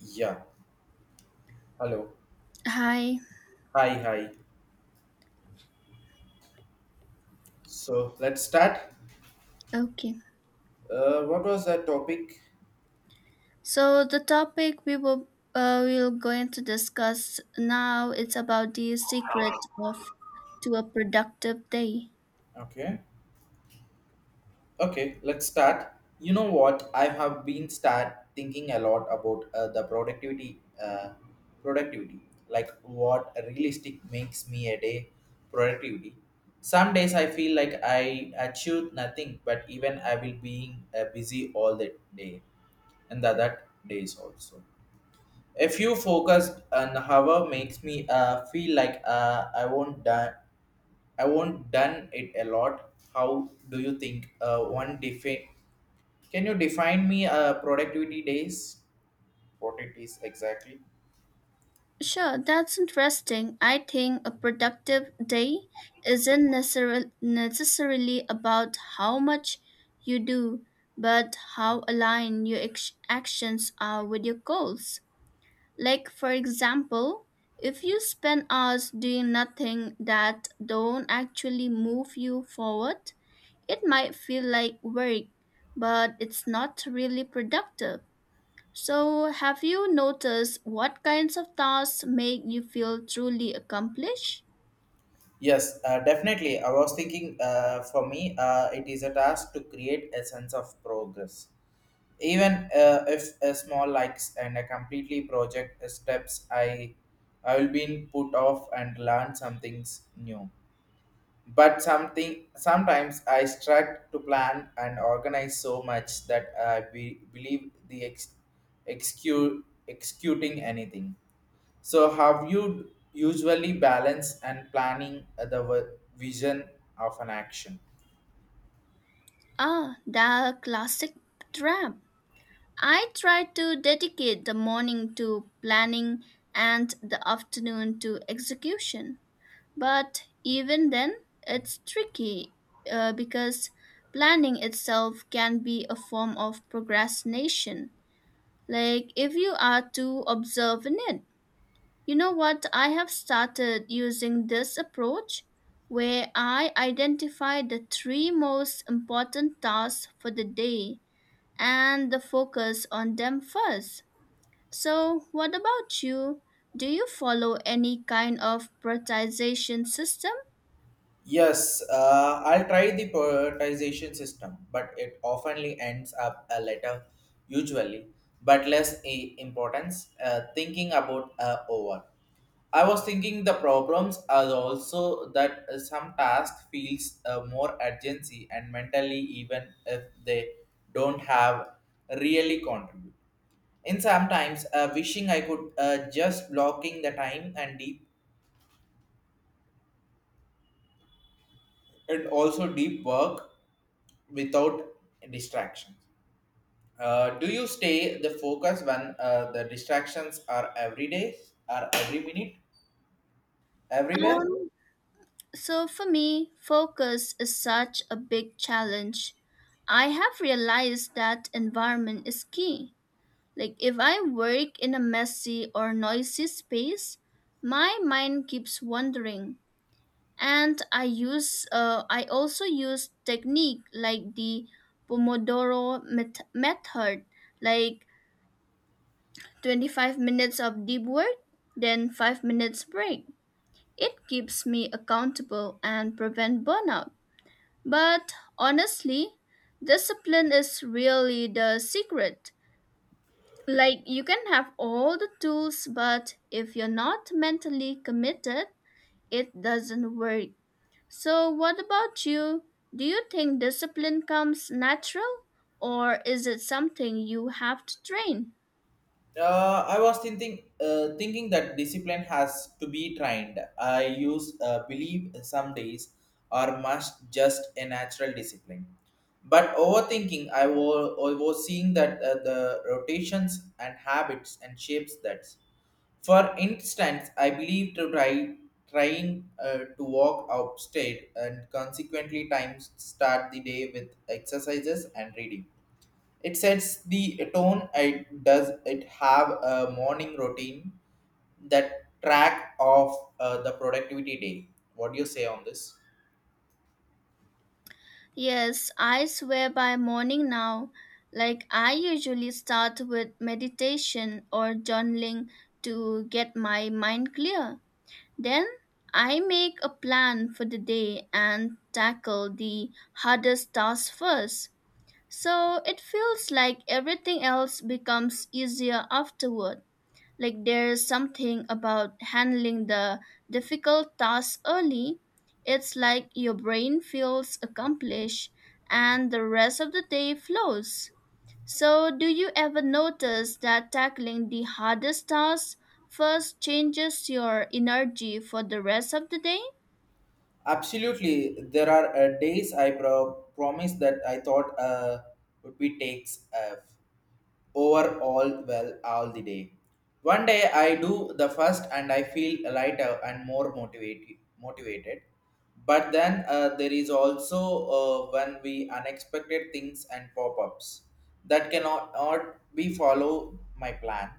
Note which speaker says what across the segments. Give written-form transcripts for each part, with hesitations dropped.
Speaker 1: Yeah. Hello.
Speaker 2: Hi.
Speaker 1: Hi. Hi. So let's start.
Speaker 2: Okay.
Speaker 1: What was the topic?
Speaker 2: So the topic we will we're going to discuss now it's about the secret of to a productive day.
Speaker 1: Okay. Okay. Let's start. You know what? I have been start thinking a lot about the productivity. Productivity. Like what realistic makes me a day productivity. Some days I feel like I achieved nothing, but even I will being busy all the day, and the other days also. If you focused on however makes me feel like I won't done it a lot. How do you think one define? Can you define me productivity days? What it is exactly?
Speaker 2: Sure, that's interesting. I think a productive day isn't necessarily about how much you do, but how aligned your actions are with your goals. Like, for example, if you spend hours doing nothing that don't actually move you forward, it might feel like work, but it's not really productive. So, have you noticed what kinds of tasks make you feel truly accomplished?
Speaker 1: Yes, definitely. I was thinking for me, it is a task to create a sense of progress. Even if a small likes and a completely project steps, I will be put off and learn some things new. But something sometimes I struggle to plan and organize so much that I believe the executing anything. So how you usually balance and planning the vision of an action?
Speaker 2: Ah, the classic trap. I try to dedicate the morning to planning and the afternoon to execution. But even then, it's tricky because planning itself can be a form of procrastination. Like, if you are too observant, it. You know what? I have started using this approach where I identify the three most important tasks for the day and the focus on them first. So, what about you? Do you follow any kind of prioritization system?
Speaker 1: Yes, I'll try the prioritization system, but it oftenly ends up a letter, usually, but less importance. Thinking about over. I was thinking the problems are also that some task feels more urgency and mentally even if they don't have really contribute. In sometimes wishing I could just blocking the time and deep and also deep work without distractions. Do you stay the focus when the distractions are every day, are every minute, everywhere?
Speaker 2: Um, So for me, focus is such a big challenge. I have realized that environment is key. Like if I work in a messy or noisy space, my mind keeps wandering. And I also use technique like the Pomodoro method, like 25 minutes of deep work, then 5 minutes break. It keeps me accountable and prevent burnout. But honestly, discipline is really the secret. Like, you can have all the tools, but if you're not mentally committed, it doesn't work. So, what about you? Do you think discipline comes natural, or is it something you have to train?
Speaker 1: I was thinking, thinking that discipline has to be trained. I use believe some days are must just a natural discipline. But overthinking, I was seeing that the rotations and habits and shapes that. For instance, I believe to trying to walk upstate and consequently times start the day with exercises and reading it sets the tone. It does it have a morning routine that track of the productivity day. What do you say on this?
Speaker 2: Yes, I swear by morning now. Like, I usually start with meditation or journaling to get my mind clear. Then I make a plan for the day and tackle the hardest task first. So it feels like everything else becomes easier afterward. Like there's something about handling the difficult tasks early. It's like your brain feels accomplished and the rest of the day flows. So, do you ever notice that tackling the hardest tasks first changes your energy for the rest of the day?
Speaker 1: Absolutely, there are days I promise that I thought would be takes. Overall well all the day. One day I do the first and I feel lighter and more motivated. Motivated, but then there is also when we unexpected things and pop-ups that cannot not be follow my plan.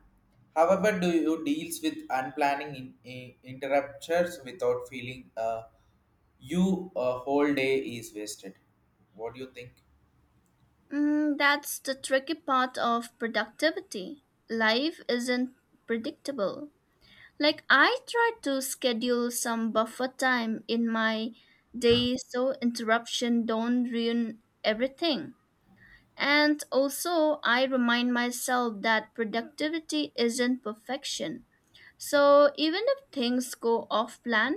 Speaker 1: However, do you deals with unplanning in, interruptions without feeling you a whole day is wasted? What do you think?
Speaker 2: Mm, that's the tricky part of productivity. Life isn't predictable. Like I try to schedule some buffer time in my day so interruption don't ruin everything. And also I remind myself that productivity isn't perfection. So even if things go off plan,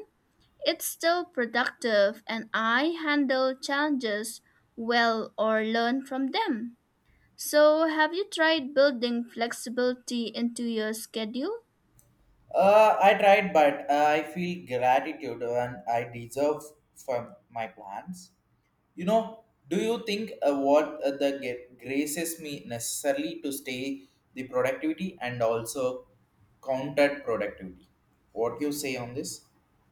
Speaker 2: it's still productive and I handle challenges well or learn from them. So have you tried building flexibility into your schedule?
Speaker 1: I tried, but I feel gratitude and I deserve for my plans. You know, do you think what the graces me necessarily to stay the productivity and also counter productivity? What you say on this?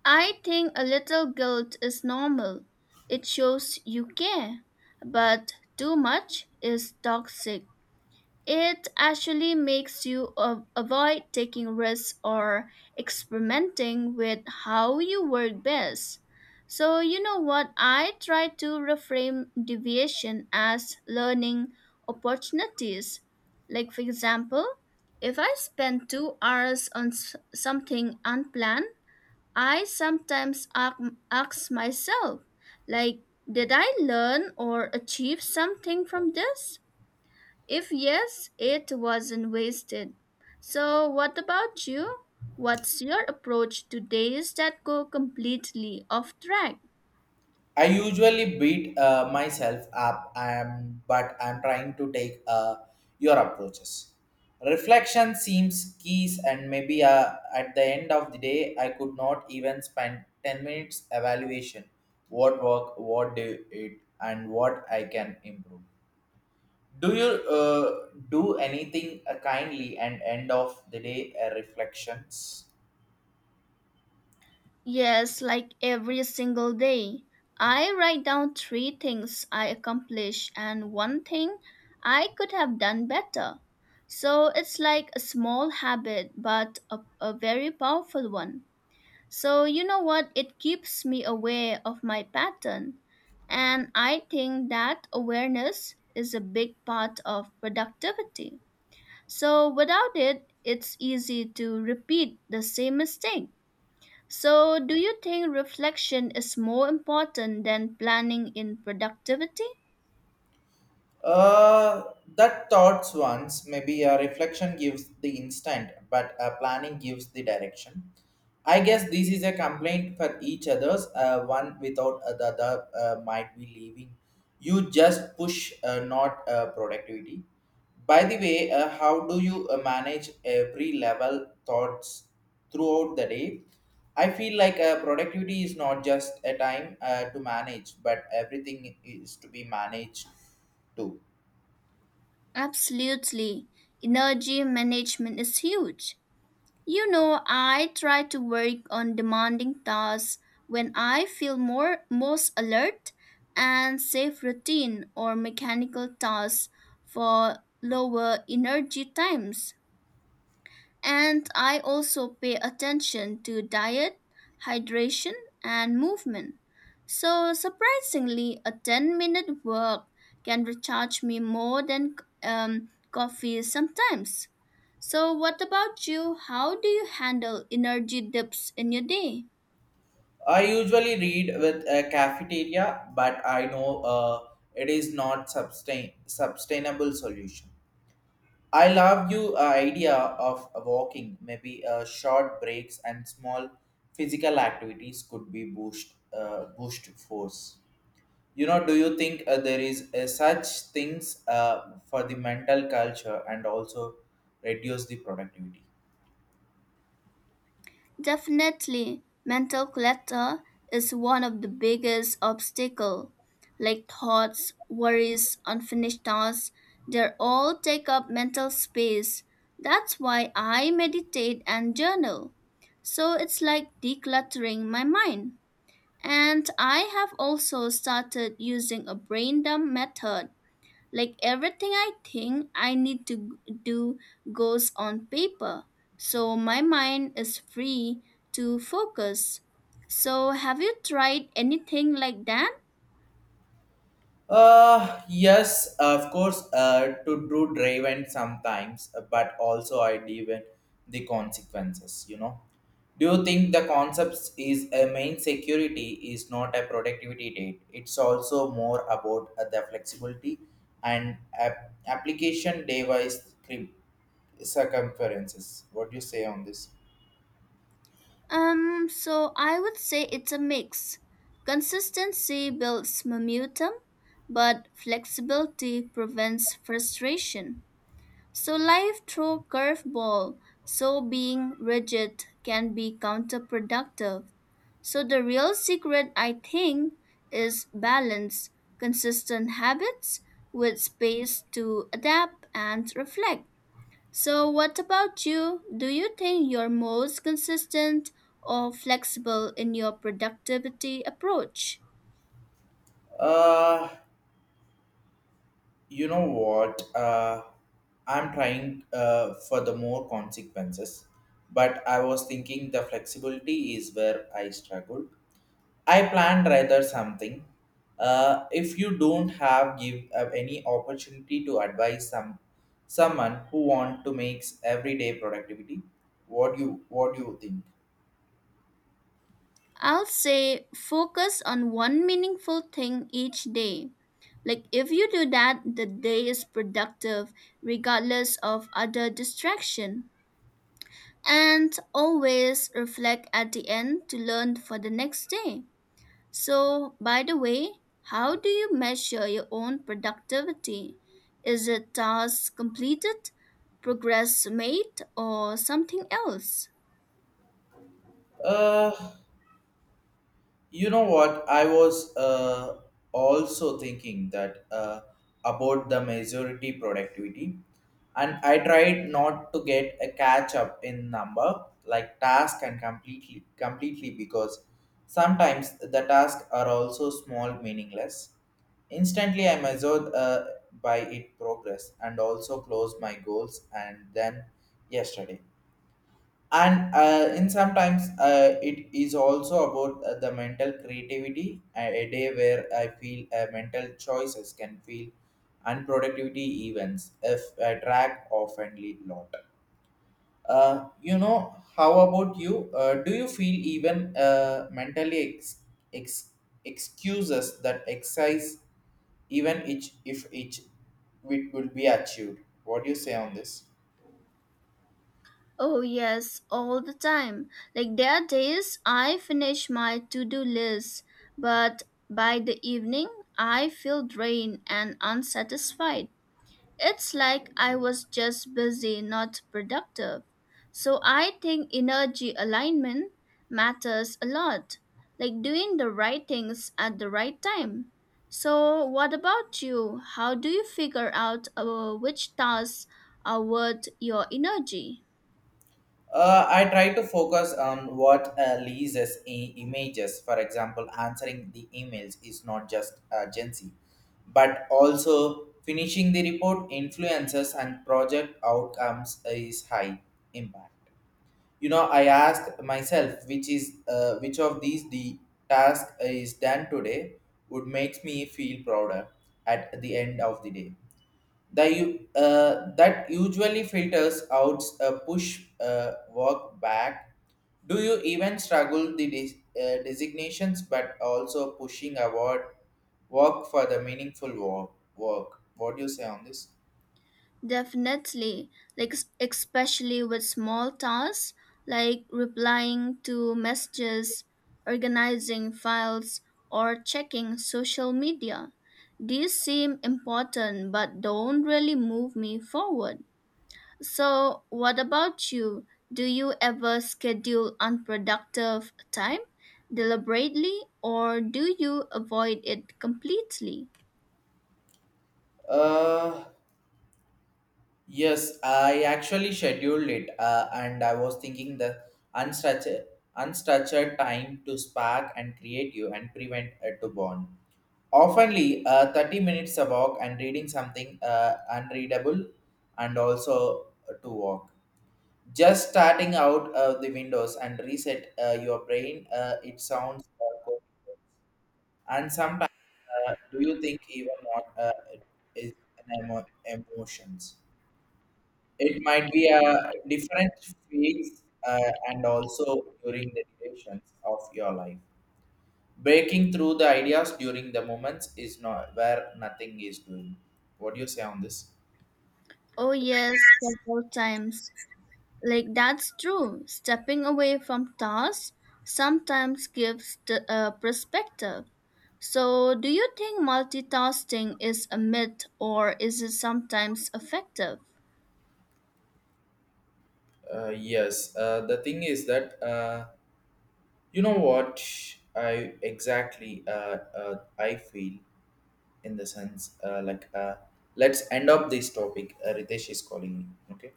Speaker 2: I think a little guilt is normal. It shows you care. But too much is toxic. It actually makes you avoid taking risks or experimenting with how you work best. So, you know what? I try to reframe deviation as learning opportunities. Like, for example, if I spend 2 hours on something unplanned, I sometimes ask myself, like, did I learn or achieve something from this? If yes, it wasn't wasted. So, what about you? What's your approach to days that go completely off track?
Speaker 1: I usually beat myself up, I am, but I'm trying to take your approaches. Reflection seems keys, and maybe at the end of the day, I could not even spend 10 minutes evaluation what work, what did it, and what I can improve. Do you do anything kindly and end of the day reflections?
Speaker 2: Yes, like every single day. I write down three things I accomplished and one thing I could have done better. So it's like a small habit, but a very powerful one. So, you know what? It keeps me aware of my pattern. And I think that awareness is a big part of productivity. So, without it, it's easy to repeat the same mistake. So, do you think reflection is more important than planning in productivity?
Speaker 1: Uh, that thoughts once maybe a reflection gives the instant, but a planning gives the direction. I guess this is a complaint for each others. One without the other might be leaving. You just push, not productivity. By the way, how do you manage every level thoughts throughout the day? I feel like productivity is not just a time to manage, but everything is to be managed too.
Speaker 2: Absolutely. Energy management is huge. You know, I try to work on demanding tasks when I feel more most alert and save routine or mechanical tasks for lower energy times. And I also pay attention to diet, hydration, and movement. So, surprisingly, a 10-minute walk can recharge me more than coffee sometimes. So, what about you? How do you handle energy dips in your day?
Speaker 1: I usually read with a cafeteria, but I know it is not sustainable solution. I love you idea of walking, maybe short breaks and small physical activities could be boost force. You know, do you think there is such things for the mental culture and also reduce the productivity?
Speaker 2: Definitely, mental clutter is one of the biggest obstacles. Like thoughts, worries, unfinished tasks, they all take up mental space. That's why I meditate and journal. So it's like decluttering my mind. And I have also started using a brain dump method like everything I think I need to do goes on paper, so my mind is free to focus. So, have you tried anything like that?
Speaker 1: Yes, of course, to do driven sometimes, but also I live in the consequences. Do you think the concepts is a main security is not a productivity date? It's also more about the flexibility and application device circumferences. What do you say on this?
Speaker 2: So I would say it's a mix. Consistency builds momentum, but flexibility prevents frustration. So life throws curveball, so being rigid can be counterproductive. So the real secret I think is balance, consistent habits with space to adapt and reflect. So what about you? Do you think you're most consistent or flexible in your productivity approach?
Speaker 1: Uh, you know what? I'm trying for the more consequences, but I was thinking the flexibility is where I struggle. I planned rather something. If you don't have give any opportunity to advise some someone who want to makes everyday productivity, what do you think?
Speaker 2: I'll say focus on one meaningful thing each day. Like, if you do that, the day is productive regardless of other distraction. And always reflect at the end to learn for the next day. So, by the way, how do you measure your own productivity? Is it task completed, progress made, or something else?
Speaker 1: uh You know what? I was also thinking that about the majority productivity, and I tried not to get a catch up in number like task and completely because sometimes the tasks are also small meaningless. Instantly, I measured by it progress and also closed my goals and then yesterday and in sometimes it is also about the mental creativity a day where I feel mental choices can feel unproductivity events if I track oftenly lot. You know, how about you? Do you feel even mentally ex- excuses that exercise even each if each it will be achieved? What do you say on this?
Speaker 2: Oh, yes, all the time. Like, there are days I finish my to do list, but by the evening, I feel drained and unsatisfied. It's like I was just busy, not productive. So, I think energy alignment matters a lot, like doing the right things at the right time. So, what about you? How do you figure out which tasks are worth your energy?
Speaker 1: I try to focus on what leases images. For example, answering the emails is not just urgency, but also finishing the report influences and project outcomes is high impact. You know, I asked myself which is which of these the task is done today would makes me feel prouder at the end of the day. That usually filters out a push walk back. Do you even struggle the designations but also pushing award work for the meaningful work? What do you say on this?
Speaker 2: Definitely, like especially with small tasks like replying to messages, organizing files, or checking social media. These seem important but don't really move me forward. So, what about you? Do you ever schedule unproductive time deliberately or do you avoid it completely?
Speaker 1: Uh, Yes, I actually scheduled it, and I was thinking the unstructured, unstructured time to spark and create you and prevent to bond. Oftenly, 30 minutes a walk and reading something unreadable and also to walk. Just starting out of the windows and reset your brain, it sounds good. And sometimes, do you think even what is an emotions? It might be a different phase and also during the durations of your life. Breaking through the ideas during the moments is not where nothing is doing. What do you say on this?
Speaker 2: Oh, yes, several times. Like that's true. Stepping away from tasks sometimes gives the perspective. So, do you think multitasking is a myth or is it sometimes effective?
Speaker 1: Yes, the thing is that you know what, I exactly I feel in the sense like let's end up this topic. Ritesh is calling me. Okay,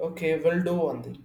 Speaker 1: okay, we'll do one thing.